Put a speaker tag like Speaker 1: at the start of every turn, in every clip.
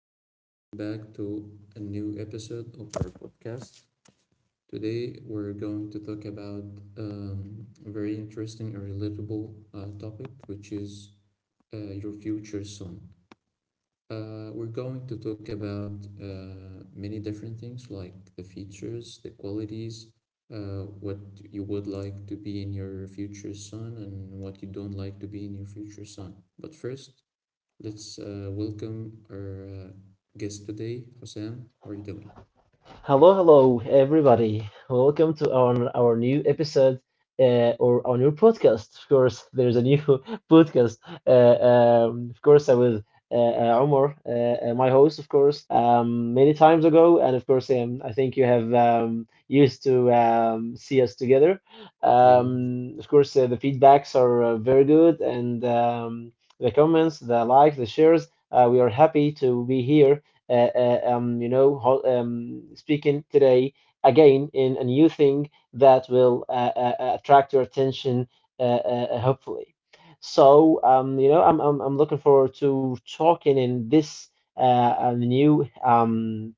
Speaker 1: and welcome back to a new episode of our podcast. Today, we're going to talk about a very interesting and relatable topic, which is your future son. We're going to talk about many different things like the features, the qualities, what you would like to be in your future son, and what you don't like to be in your future son. But first, let's welcome our guest today, Hossein. How are you doing?
Speaker 2: Hello, hello, everybody. Welcome to our new episode or our new podcast. Of course, there's a new podcast. Of course, I was Omar, my host, of course, many times ago, and of course, I think you have used to see us together.
Speaker 1: Yeah.
Speaker 2: Of course, the feedbacks are very good, and the comments, the likes, the shares. We are happy to be here speaking today again in a new thing that will attract your attention, uh, uh, hopefully. So, I'm looking forward to talking in this new um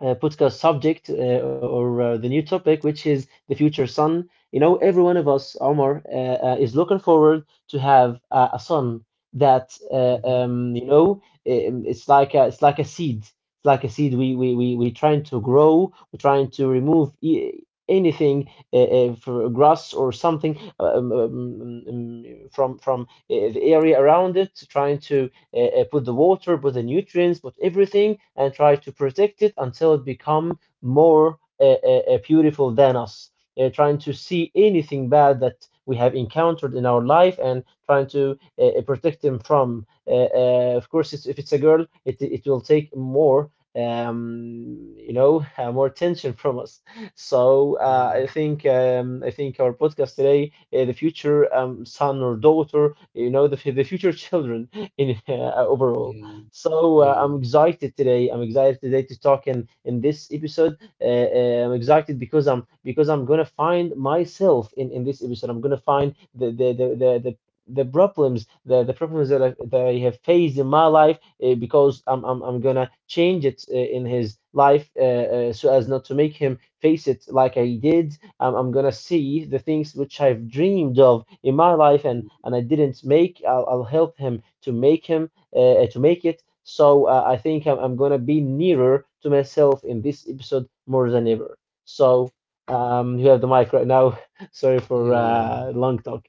Speaker 2: uh, podcast subject or the new topic, which is the future son. You know, every one of us, Omar, is looking forward to have a son that uh,
Speaker 1: Mm-hmm.
Speaker 2: um, you know it's like a seed. It's like a seed. We trying to grow. We're trying to remove. Anything for grass or something from the area around it, trying to put the water, put the nutrients, put everything, and try to protect it until it become more beautiful than us. Trying to see anything bad that we have encountered in our life and trying to protect them from. Of course, it's, if it's a girl, it will take more. You know, more attention from us. So
Speaker 1: Yeah.
Speaker 2: I think our podcast today, the future son or daughter, you know, the future children in overall.
Speaker 1: Yeah.
Speaker 2: So
Speaker 1: Yeah.
Speaker 2: I'm excited today. I'm excited today to talk in this episode. I'm excited because I'm gonna find myself in this episode. I'm gonna find the problems the problems that I have faced in my life because I'm gonna change it in his life so as not to make him face it like I did. I'm gonna see the things which I've dreamed of in my life and
Speaker 1: Mm,
Speaker 2: I didn't make. I'll help him to make it. So I think I'm gonna be nearer to myself in this episode more than ever. So you have the mic right now. Sorry for
Speaker 1: yeah.
Speaker 2: long talk.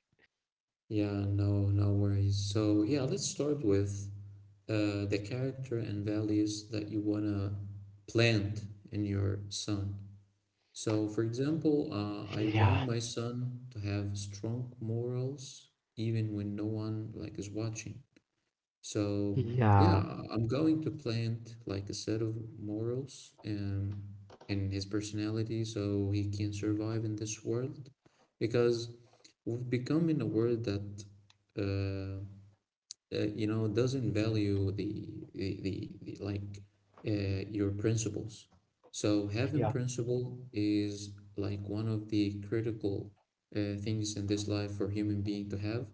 Speaker 1: Yeah. No. No worries. So yeah, let's start with the character and values that you wanna plant in your son. So, for example, I
Speaker 2: Yeah,
Speaker 1: want my son to have strong morals even when no one is watching. So
Speaker 2: yeah,
Speaker 1: yeah, I'm going to plant like a set of morals in his personality so he can survive in this world because we've become in a world that uh, you know doesn't value the like your principles. So
Speaker 2: yeah.
Speaker 1: having principle is like one of the critical things in this life for human being to have,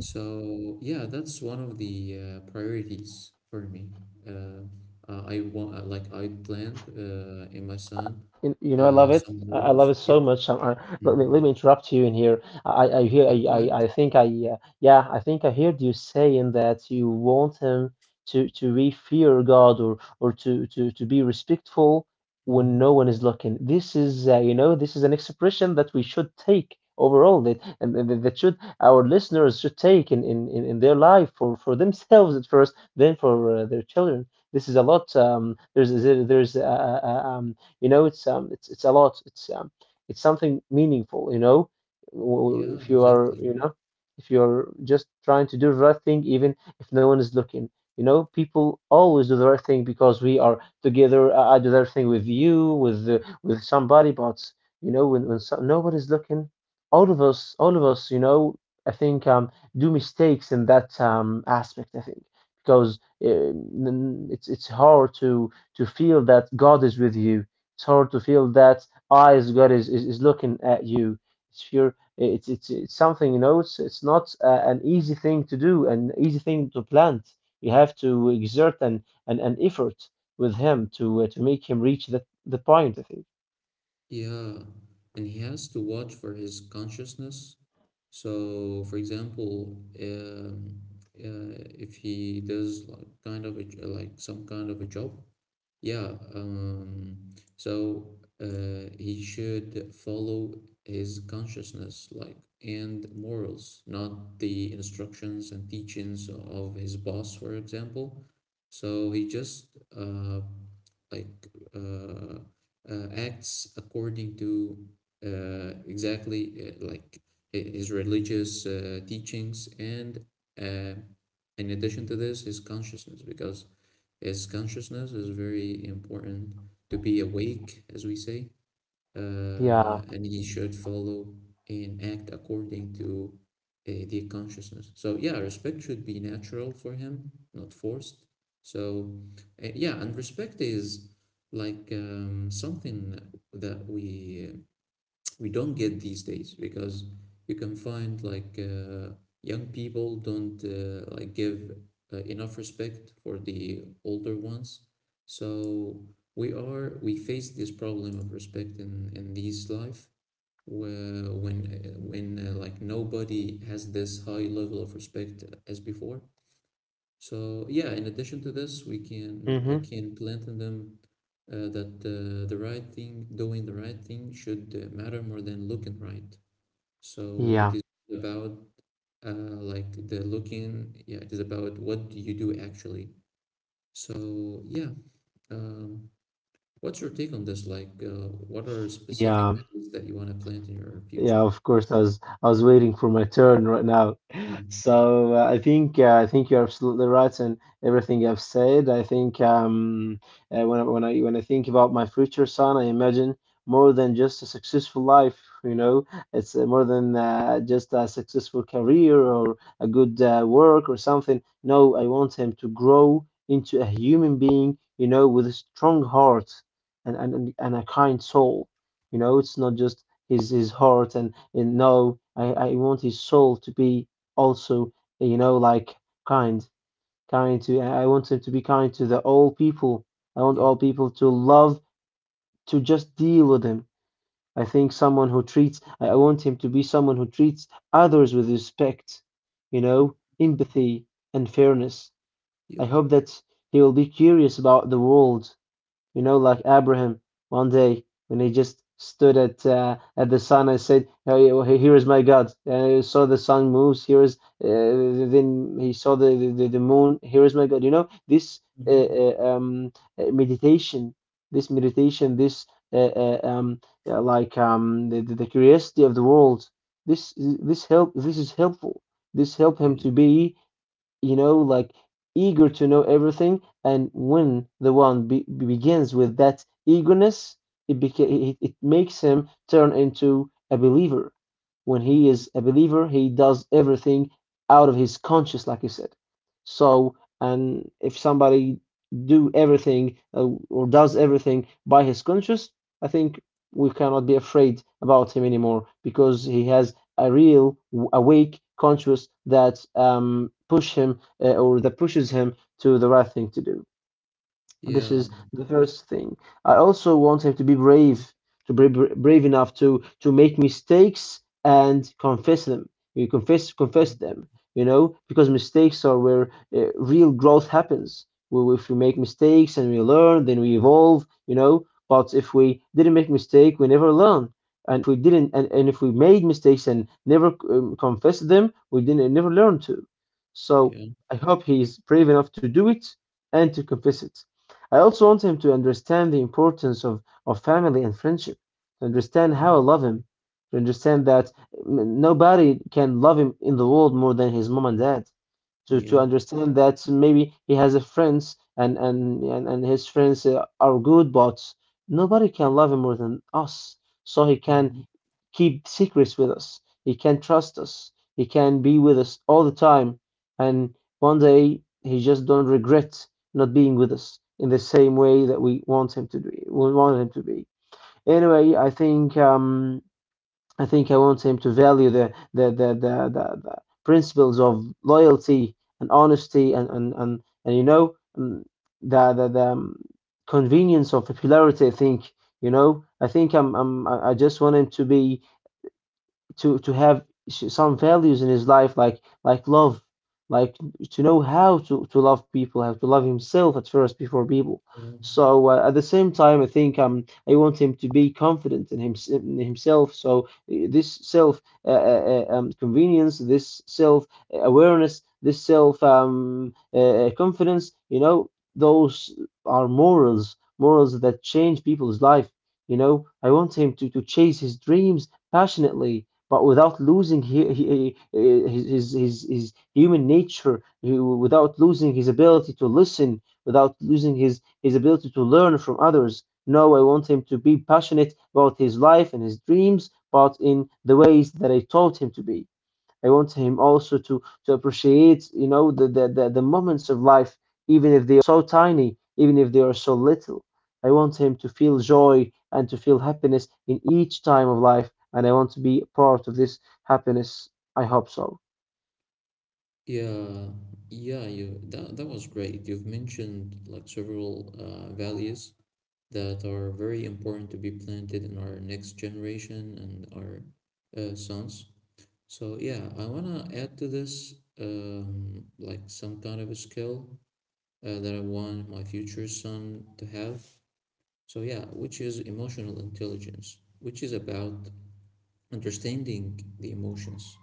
Speaker 1: so yeah, that's one of the priorities for me. Uh, I want, like, I planned in my son
Speaker 2: You know, I love it.
Speaker 1: some
Speaker 2: I love
Speaker 1: rules.
Speaker 2: it
Speaker 1: Yep.
Speaker 2: so much. Let
Speaker 1: Hmm.
Speaker 2: me, let me interrupt you in here. I hear.
Speaker 1: Yeah, go ahead.
Speaker 2: I think I. Yeah, I think I heard you saying that you want him to revere God or to be respectful
Speaker 1: Hmm.
Speaker 2: when no one is looking. This is, you know, this is an expression that we should take overall. That and that should our listeners should take in their life for themselves at first, then for their children. This is a lot. There's a, a. You know, it's it's a lot. It's something meaningful. You know,
Speaker 1: Yeah,
Speaker 2: if you are,
Speaker 1: exactly.
Speaker 2: you know, if you're just trying to do the right thing, even if no one is looking. You know, people always do the right thing because we are together. I do the right thing with you, with somebody, but you know, when nobody's looking, all of us, you know, I think do mistakes in that aspect. I think because it's hard to feel that God is with you. It's hard to feel that eyes God is looking at you. It's your it's something you know. It's not an easy thing to do, an easy thing to plant. You have to exert an effort with Him to make Him reach that the point. I think.
Speaker 1: Yeah, and he has to watch for his consciousness. So, for example, if he does like kind of a, like some kind of a job, yeah, so he should follow his consciousness, like, and morals, not the instructions and teachings of his boss, for example. So he just uh, like uh, acts according to exactly like his religious teachings, and uh, in addition to this, his consciousness, because is consciousness is very important to be awake, as we say,
Speaker 2: Yeah.
Speaker 1: and he should follow and act according to the consciousness. So yeah, respect should be natural for him, not forced. So yeah, and respect is like something that we don't get these days, because you can find like young people don't give enough respect for the older ones, so we are, we face this problem of respect in these life where when like nobody has this high level of respect as before. So yeah, in addition to this, we can, I
Speaker 2: Mm-hmm.
Speaker 1: can plant in them that the right thing, doing the right thing should matter more than looking right. So
Speaker 2: Yeah.
Speaker 1: it is about uh, like the looking, yeah, it is about what do you do actually. So yeah, um, what's your take on this? Like, what are specific
Speaker 2: Yeah.
Speaker 1: values that you want to plant in your future?
Speaker 2: Yeah, of course. I was waiting for my turn right now.
Speaker 1: Mm.
Speaker 2: So I think you're absolutely right in everything I've said. I think when I when I think about my future son, I imagine more than just a successful life. You know, it's more than just a successful career or a good work or something. No, I want him to grow into a human being. You know, with a strong heart and a kind soul. You know, it's not just his heart and, no I want his soul to be also, you know, like kind, kind to I want him to be kind to the all people. I want
Speaker 1: Yeah.
Speaker 2: all people to love, to just deal with him. I think someone who treats, I want him to be someone who treats others with respect, you know, empathy and fairness. I
Speaker 1: Yep.
Speaker 2: hope that he will be curious about the world, you know, like Abraham one day when he just stood at the sun and said, "Hey, here is my God." And he saw the sun moves. Here is uh, then he saw the, the moon. Here is my God. You know this uh,
Speaker 1: Mm-hmm.
Speaker 2: uh, um, meditation, this yeah, like the, the curiosity of the world. This is helpful. This help him
Speaker 1: Yeah.
Speaker 2: to be, you know, like eager to know everything. And when the one be begins with that eagerness, it, beca- it makes him turn into a believer. When he is a believer, he does everything out of his conscience, like you said. So, and if somebody do everything or does everything by his conscience, I think we cannot be afraid about him anymore because he has a real awake conscious that push him or that pushes him to the right thing to do. This
Speaker 1: Yeah.
Speaker 2: is the first thing. I also want him to be brave, to be brave enough to make mistakes and confess them. You confess confess
Speaker 1: Mm.
Speaker 2: them, you know, because mistakes are where real growth happens. Well, if we make mistakes and we learn, then we evolve, you know. But if we didn't make mistake, we never learn. And if we made mistakes and never confessed them, we didn't never learn to. So
Speaker 1: Yeah.
Speaker 2: I hope he's brave enough to do it and to confess it. I also want him to understand the importance of family and friendship, to understand how I
Speaker 1: Mhm.
Speaker 2: love him, to understand that nobody can love him in the world more than his mom and dad, to
Speaker 1: Yeah.
Speaker 2: understand that maybe he has a friends and his friends are good, but nobody can love him more than us. So he can
Speaker 1: Mhm.
Speaker 2: keep secrets with us. He can trust us. He can be with us all the time. And one day he just don't regret not being with us in the same way that we want him to be. Anyway, I think I think I want him to value the principles of loyalty and honesty and you know, the convenience of popularity. I think, you know. I think I just want him to be, to have some values in his life like love, like to know how to love people, how to love himself at first before people.
Speaker 1: Yeah.
Speaker 2: So at the same time, I think I want him to be confident in himself. So this self convenience, this self awareness, this self confidence, you know, those are morals that change people's life. You know, I want him to chase his dreams passionately but without losing his human nature, without losing his ability to listen, without losing his ability to learn from others. No, I want him to be passionate about his life and his dreams, but in the ways that I taught him to be. I want him also to appreciate, you know, the moments of life, even if they are so tiny, even if they are so little. I want him to feel joy and to feel happiness in each time of life, and I want to be part of this happiness. I hope so.
Speaker 1: Yeah, yeah, you, that that was great. You've mentioned like several values that are very important to be planted in our next generation and our sons. So yeah, I wanna add to this like some kind of a skill that I want my future son to have. So yeah, which is emotional intelligence, which is about understanding the emotions.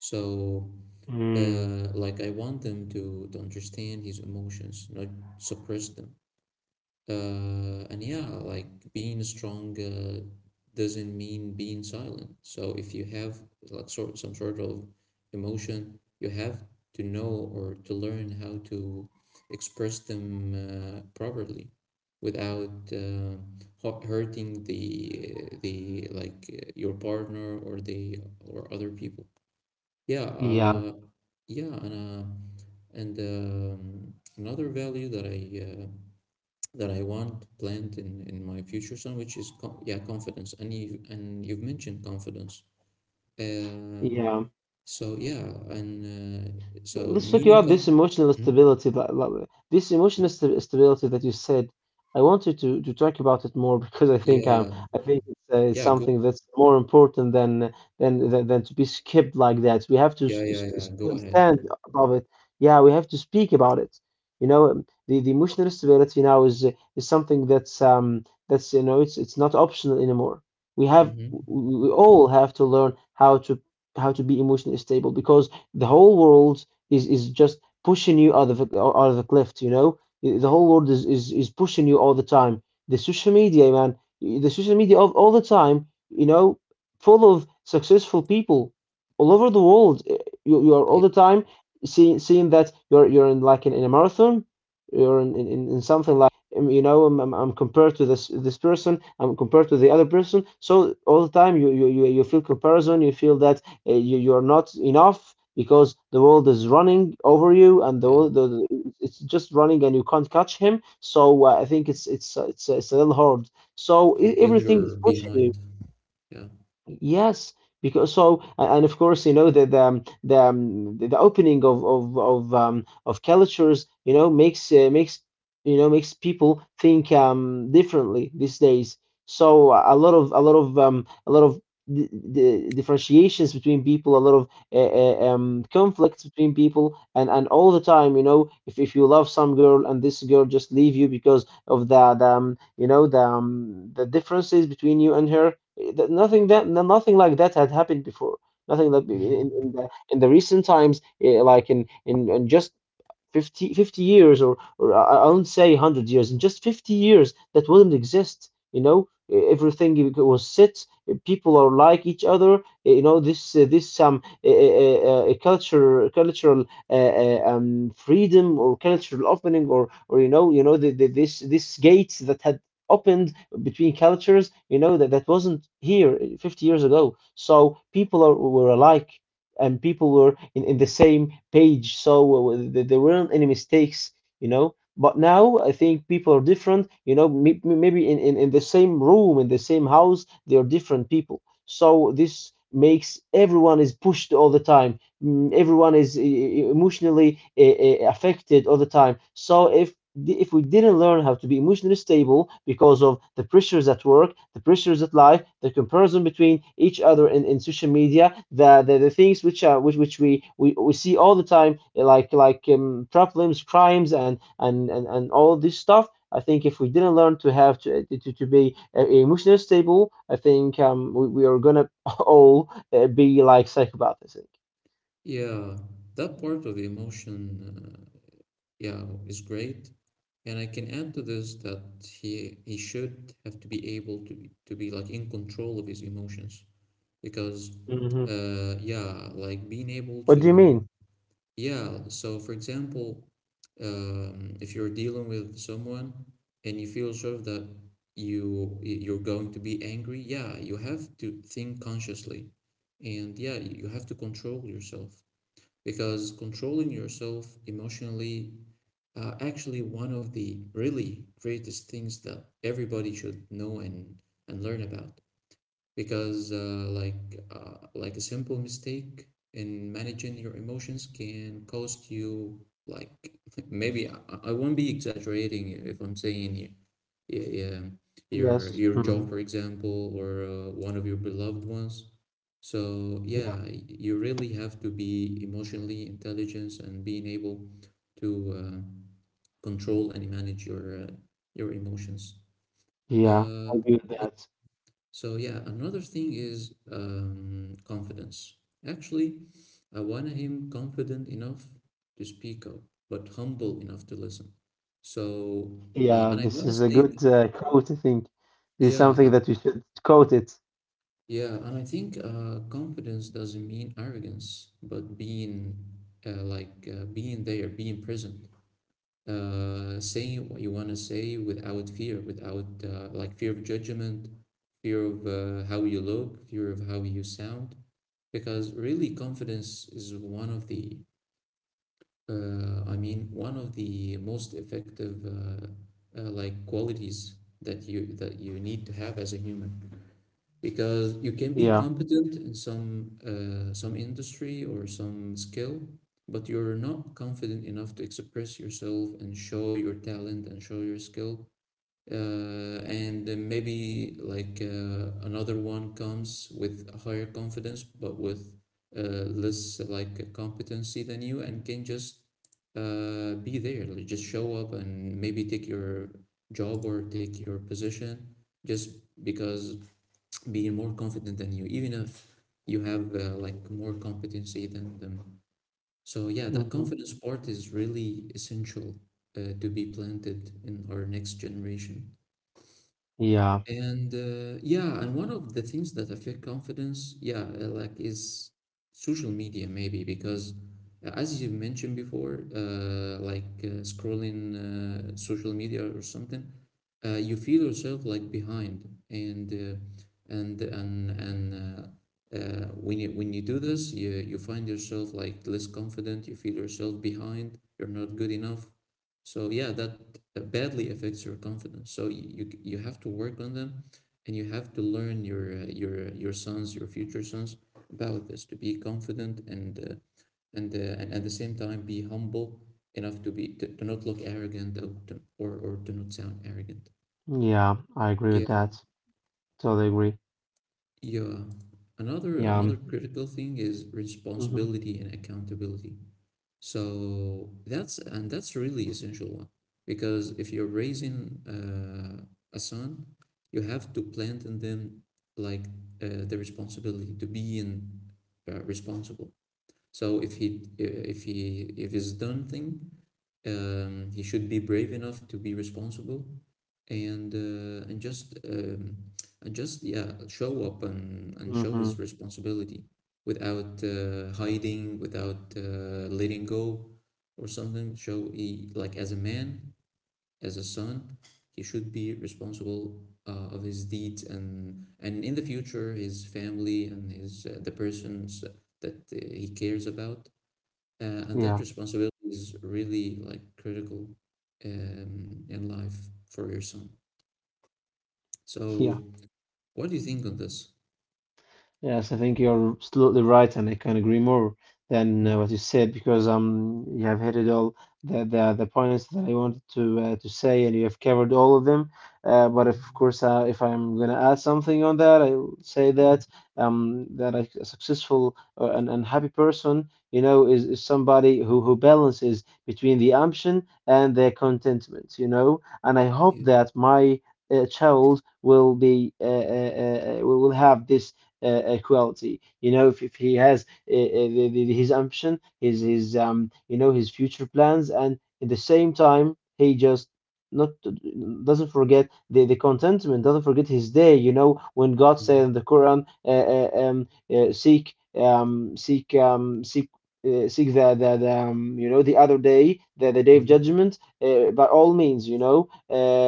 Speaker 1: So
Speaker 2: Mm,
Speaker 1: like I want them to understand his emotions, not suppress them. And yeah, like being strong doesn't mean being silent. So if you have like sort, some sort of emotion, you have to know or to learn how to express them properly without hurting the like your partner or the or other people. Yeah,
Speaker 2: yeah,
Speaker 1: yeah, and Another value uh, that I want planned in my future son, which is yeah, confidence, and you've mentioned confidence. Uh,
Speaker 2: yeah.
Speaker 1: so yeah, and so,
Speaker 2: Let's talk
Speaker 1: meaning
Speaker 2: about this
Speaker 1: confidence.
Speaker 2: emotional stability that this emotional
Speaker 1: Yeah,
Speaker 2: st stability that you said. I wanted to talk about it more because
Speaker 1: yeah,
Speaker 2: I think it's it's
Speaker 1: yeah go,
Speaker 2: something that's more important than to be skipped like that. We have to
Speaker 1: yeah. Go ahead.
Speaker 2: stand above it. Yeah, we have to speak about it. The emotional stability now is something that's, you know, it's not optional anymore. We have
Speaker 1: Mm-hmm.
Speaker 2: we all have to learn how to be emotionally stable because the whole world is just pushing you out of out of a cliff. You know, the whole world is pushing you all the time. The social media, man, the social media of all the time. You know, full of successful people all over the world. You are
Speaker 1: Yeah,
Speaker 2: all the time seeing that you're in like in a marathon. You're in something like you know, I'm compared to this person. I'm compared to the other person. So all the time you feel comparison, you feel that you're not enough because the world is running over you, and the,
Speaker 1: yeah.
Speaker 2: it's just running and you can't catch him. So I think it's a little hard,
Speaker 1: You
Speaker 2: so
Speaker 1: feel you're
Speaker 2: everything is pushing
Speaker 1: behind.
Speaker 2: you.
Speaker 1: Yeah.
Speaker 2: Yes, because and of course, you know, the opening of cultures, you know, makes, you know, makes people think differently these days. So a lot of the differentiations between people, a lot of conflicts between people. And all the time, you know, if you love some girl and this girl just leave you because of the, you know, the differences between you and her. Nothing that nothing like that had happened before. Nothing like in
Speaker 1: Hmm.
Speaker 2: the recent times, like in just 50 years, or I won't say 100 years. In just 50 years, that wouldn't exist, you know. Everything was set. People are like each other. You know, this this some culture cultural uh, uh, um, freedom, or cultural opening, or you know, the, this gates that had opened between cultures. You know that that wasn't here 50 years ago. So people were alike, and people were in the same page. So there weren't any mistakes, you know. But now I think people are different, you know. Maybe in the same room, in the same house, they are different people. So this makes everyone is pushed all the time. Everyone is emotionally affected all the time. So if we didn't learn how to be emotionally stable because of the pressures at work, the pressures at life, the comparison between each other in social media, the things which are which we see all the time. Like like problems, crimes, and all this stuff. I think if we didn't learn to have to eh, to be emotionally stable, I think we are gonna all be like psychopaths.
Speaker 1: Yeah, that part of the emotion, yeah, is great. And I can add to this that he should have to be able to be like in control of his emotions because
Speaker 2: Hmm.
Speaker 1: yeah, like being able
Speaker 2: What
Speaker 1: to,
Speaker 2: do you mean?
Speaker 1: yeah, so for example, if you're dealing with someone and you feel sure that you you're going to be angry, yeah, you have to think consciously. And yeah, you have to control yourself, because controlling yourself emotionally actually, one of the really greatest things that everybody should know and learn about, because like a simple mistake in managing your emotions can cost you, like, maybe I won't be exaggerating if I'm saying y- um,
Speaker 2: Yes.
Speaker 1: your job,
Speaker 2: Hmm.
Speaker 1: for example, or one of your beloved ones. So yeah,
Speaker 2: Yeah.
Speaker 1: you really have to be emotionally intelligent and being able to. Uh, control and manage your emotions.
Speaker 2: Yeah.
Speaker 1: Uh,
Speaker 2: I agree with that.
Speaker 1: so yeah, another thing is confidence. Actually, I want him confident enough to speak up, but humble enough to listen. So,
Speaker 2: Yeah.
Speaker 1: and I
Speaker 2: This
Speaker 1: want to
Speaker 2: is a
Speaker 1: say, th-
Speaker 2: good quote, I think. This is
Speaker 1: yeah,
Speaker 2: something that we should quote it.
Speaker 1: yeah, and I think confidence doesn't mean arrogance, but being being there, being present. Uh, saying what you want to say without fear, without fear of judgment, fear of how you look, fear of how you sound. Because really, confidence is one of the, I mean, one of the most effective qualities that you need to have as a human, because you can be
Speaker 2: Yeah.
Speaker 1: competent in some industry or some skill, but you're not confident enough to express yourself and show your talent and show your skill. And then maybe like another one comes with a higher confidence, but with less like competency than you, and can just be there, like, just show up and maybe take your job or take your position just because being more confident than you, even if you have like more competency than them. So yeah, that
Speaker 2: Hmm.
Speaker 1: confidence part is really essential to be planted in our next generation.
Speaker 2: Yeah.
Speaker 1: And yeah, and one of the things that affect confidence, yeah, like is social media maybe because as you mentioned before, scrolling social media or something, you feel yourself like behind, and when you do this, you find yourself like less confident, you feel yourself behind, you're not good enough. So yeah, that badly affects your confidence, so you you have to work on them, and you have to learn your your sons, your future sons, about this to be confident and and at the same time be humble enough to be to not look arrogant or or to not sound arrogant.
Speaker 2: Yeah. I agree
Speaker 1: Yeah,
Speaker 2: with that. Totally agree.
Speaker 1: yeah. Another,
Speaker 2: Yeah.
Speaker 1: another critical thing is
Speaker 2: Mm-hmm.
Speaker 1: responsibility and accountability. So that's, and that's really essential one, because if you're raising a son, you have to plant in them like the responsibility to be in responsible. So if he if he if he's done thing, he should be brave enough to be responsible, and uh, and just um, and just yeah, show up and show
Speaker 2: Hmm.
Speaker 1: his responsibility without hiding, without letting go or something. Show he like, as a man, as a son, he should be responsible of his deeds and in the future his family and his the persons that he cares about, and that
Speaker 2: Yeah.
Speaker 1: responsibility is really like critical in life for your son,
Speaker 2: Yeah.
Speaker 1: so what do you think on this?
Speaker 2: Yes, I think you're absolutely right, and I can agree more than
Speaker 1: Mm,
Speaker 2: what you said, because you have hit it all the points that I wanted to say, and you have covered all of them. But of course, if I'm gonna add something on that, I'll say
Speaker 1: mm,
Speaker 2: that that a successful and happy person, you know, is somebody who balances between the ambition and their contentment, you know. And I
Speaker 1: mm,
Speaker 2: hope
Speaker 1: yeah.
Speaker 2: that my child will be will have this equality. You know, if he has uh, uh, his ambition, his you know, his future plans, and at the same time, he just not doesn't forget the contentment, doesn't forget his day. You know, when God said
Speaker 1: Mm,
Speaker 2: in the Quran, seek, seek, seek. Seek the, you know, the other day, the day of
Speaker 1: mm,
Speaker 2: judgment by all means, you know,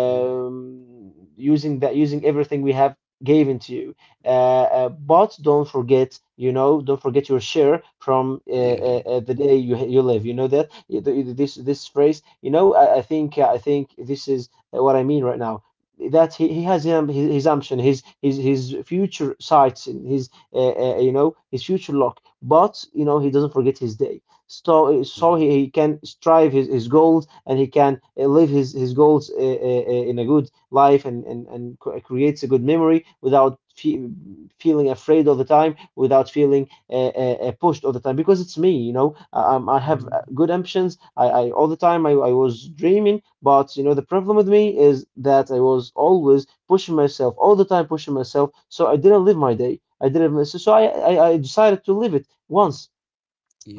Speaker 1: yeah.
Speaker 2: using that, using everything we have given to you. uh, but don't forget, you know, don't forget your share from
Speaker 1: Yeah.
Speaker 2: the day you you live. You know that. This this phrase. You know, I think this is what I mean right now. That he has him his ambition, his future sights, and his you know, his future luck. But you know, he doesn't forget his day. So so
Speaker 1: That
Speaker 2: he can strive his goals, and he can live his goals in a good life, and creates a good memory without fe feeling afraid all the time, without feeling pushed all the time. Because it's me, you know. I have
Speaker 1: mhm,
Speaker 2: good ambitions. I all the time, I was dreaming. But you know, the problem with me is that I was always pushing myself all the time, pushing myself. So I didn't live my day. I didn't. So, so I I decided to live it once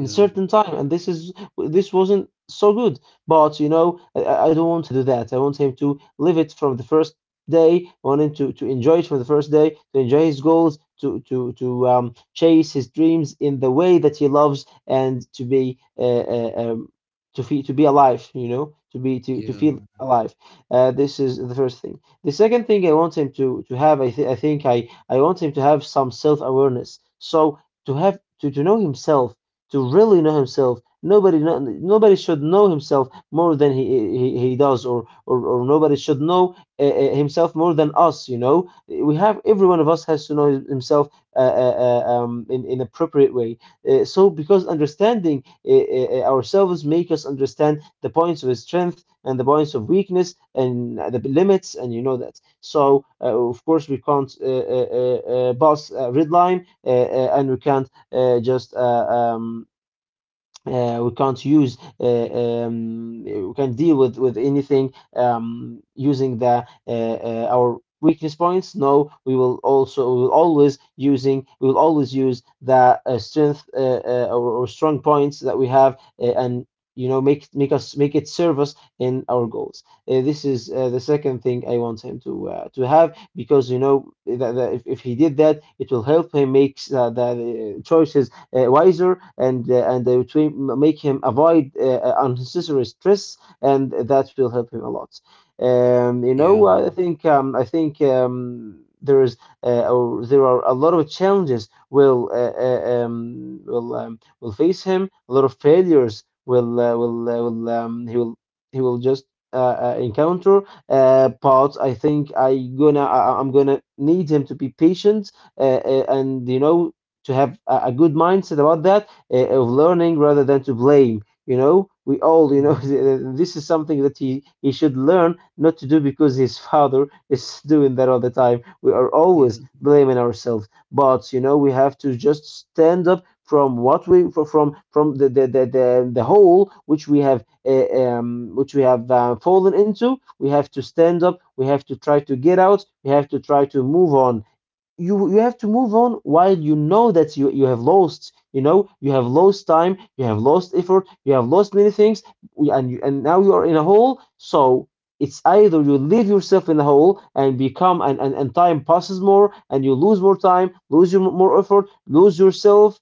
Speaker 2: in a certain time, and this is this wasn't so good. But you know, I don't want to do that. I want him to live it from the first day. I want him to enjoy it from the first day, to enjoy his goals, to chase his dreams in the way that he loves, and to be to be alive. You know, to be to feel
Speaker 1: Yeah.
Speaker 2: alive. This is the first thing. The second thing I want him to have, I think I want him to have some self awareness. So to have to know himself, to really know himself. Nobody know, nobody should know himself more than he does, or nobody should know himself more than us. You know, we have every one of us has to know himself in appropriate way. So because understanding ourselves make us understand the points of strength and the points of weakness and the limits, and you know that. So of course we can't pass a red line. And we can't just um, we can't use we can deal with anything using the our weakness points. No, we will also we will always using we will always use the strength or strong points that we have, and you know, make make us make it serve us in our goals. This is the second thing I want him to have. Because you know that, that if he did that, it will help him make the choices wiser, and to make him avoid unnecessary stress, and that will help him a lot. You
Speaker 1: Yeah.
Speaker 2: know, I think there is or there are a lot of challenges will will face him. A lot of failures will he will he will just encounter. But I think I'm gonna need him to be patient. And you know, to have a good mindset about that, of learning rather than to blame. You know, we all, you know,
Speaker 1: Mhm,
Speaker 2: this is something that he should learn not to do, because his father is doing that all the time. We are
Speaker 1: yeah.
Speaker 2: always blaming ourselves. But you know, we have to just stand up from what we from the hole which we have fallen into. We have to stand up. We have to try to get out. We have to try to move on. You have to move on while you know that you have lost. You know, you have lost time, you have lost effort, you have lost many things. And now you are in a hole. So it's either you leave yourself in a hole and become and time passes more and you lose more time, lose your more effort, lose yourself,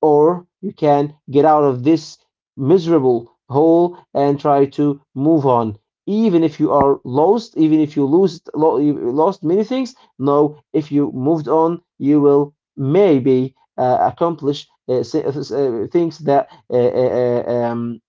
Speaker 2: or you can get out of this miserable hole and try to move on. Even if you are lost, even if you lose lost many things, no, if you moved on, you will maybe accomplish things that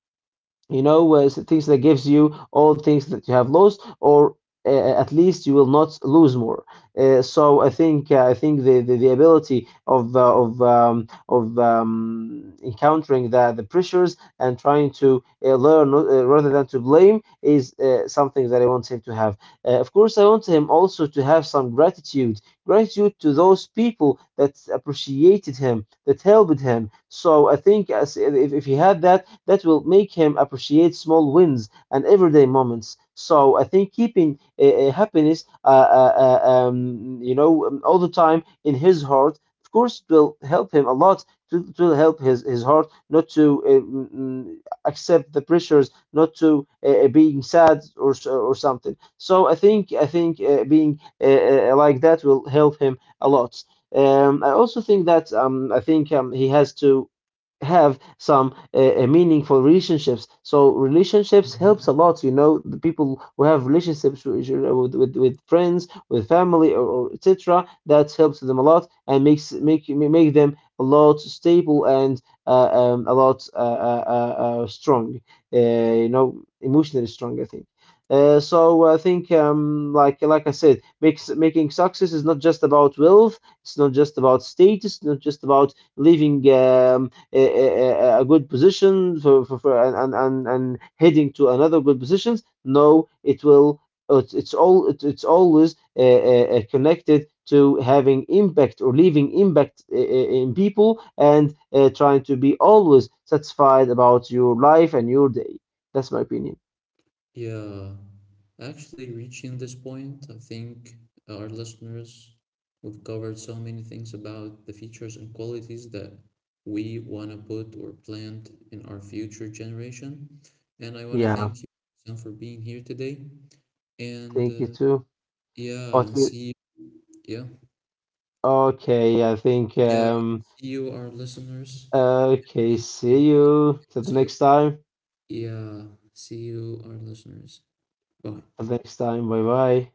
Speaker 2: you know, things that gives you all things that you have lost, or at least you will not lose more. So I think I think the ability of encountering the pressures, and trying to learn rather than to blame, is something that I want him to have. Of course, I want him also to have some gratitude, gratitude to those people that appreciated him, that helped him. So I think if he had that, that will make him appreciate small wins and everyday moments. So I think keeping happiness, you know, all the time in his heart, of course, it will help him a lot. To help his heart not to accept the pressures, not to being sad or something. So I think being like that will help him a lot. I also think that I think he has to have some a meaningful relationships. So relationships
Speaker 1: Mhm.
Speaker 2: helps a lot. You know, the people who have relationships with with friends, with family, or etc. That helps them a lot and makes make make them a lot stable, and a lot strong. Uh, you know, emotionally strong, I think. So I think, like I said, makes, making success is not just about wealth. It's not just about status. Not just about living. A, a, a good position for and heading to another good positions. No, it will. It's all. It, it's always connected to having impact or leaving impact in people, and trying to be always satisfied about your life and your day. That's my opinion.
Speaker 1: Yeah. Actually, reaching this point, I think, our listeners, we've covered so many things about the features and qualities that we want to put or plant in our future generation. And I want to
Speaker 2: Yeah,
Speaker 1: thank you, Sam, for being here today. And
Speaker 2: thank you too.
Speaker 1: yeah,
Speaker 2: But
Speaker 1: and
Speaker 2: we,
Speaker 1: see, yeah,
Speaker 2: okay, I think
Speaker 1: yeah. See you, our listeners.
Speaker 2: okay,
Speaker 1: The
Speaker 2: see you till the
Speaker 1: episode.
Speaker 2: next time.
Speaker 1: Yeah, see you, our listeners. Bye.
Speaker 2: Till the next time. Bye bye.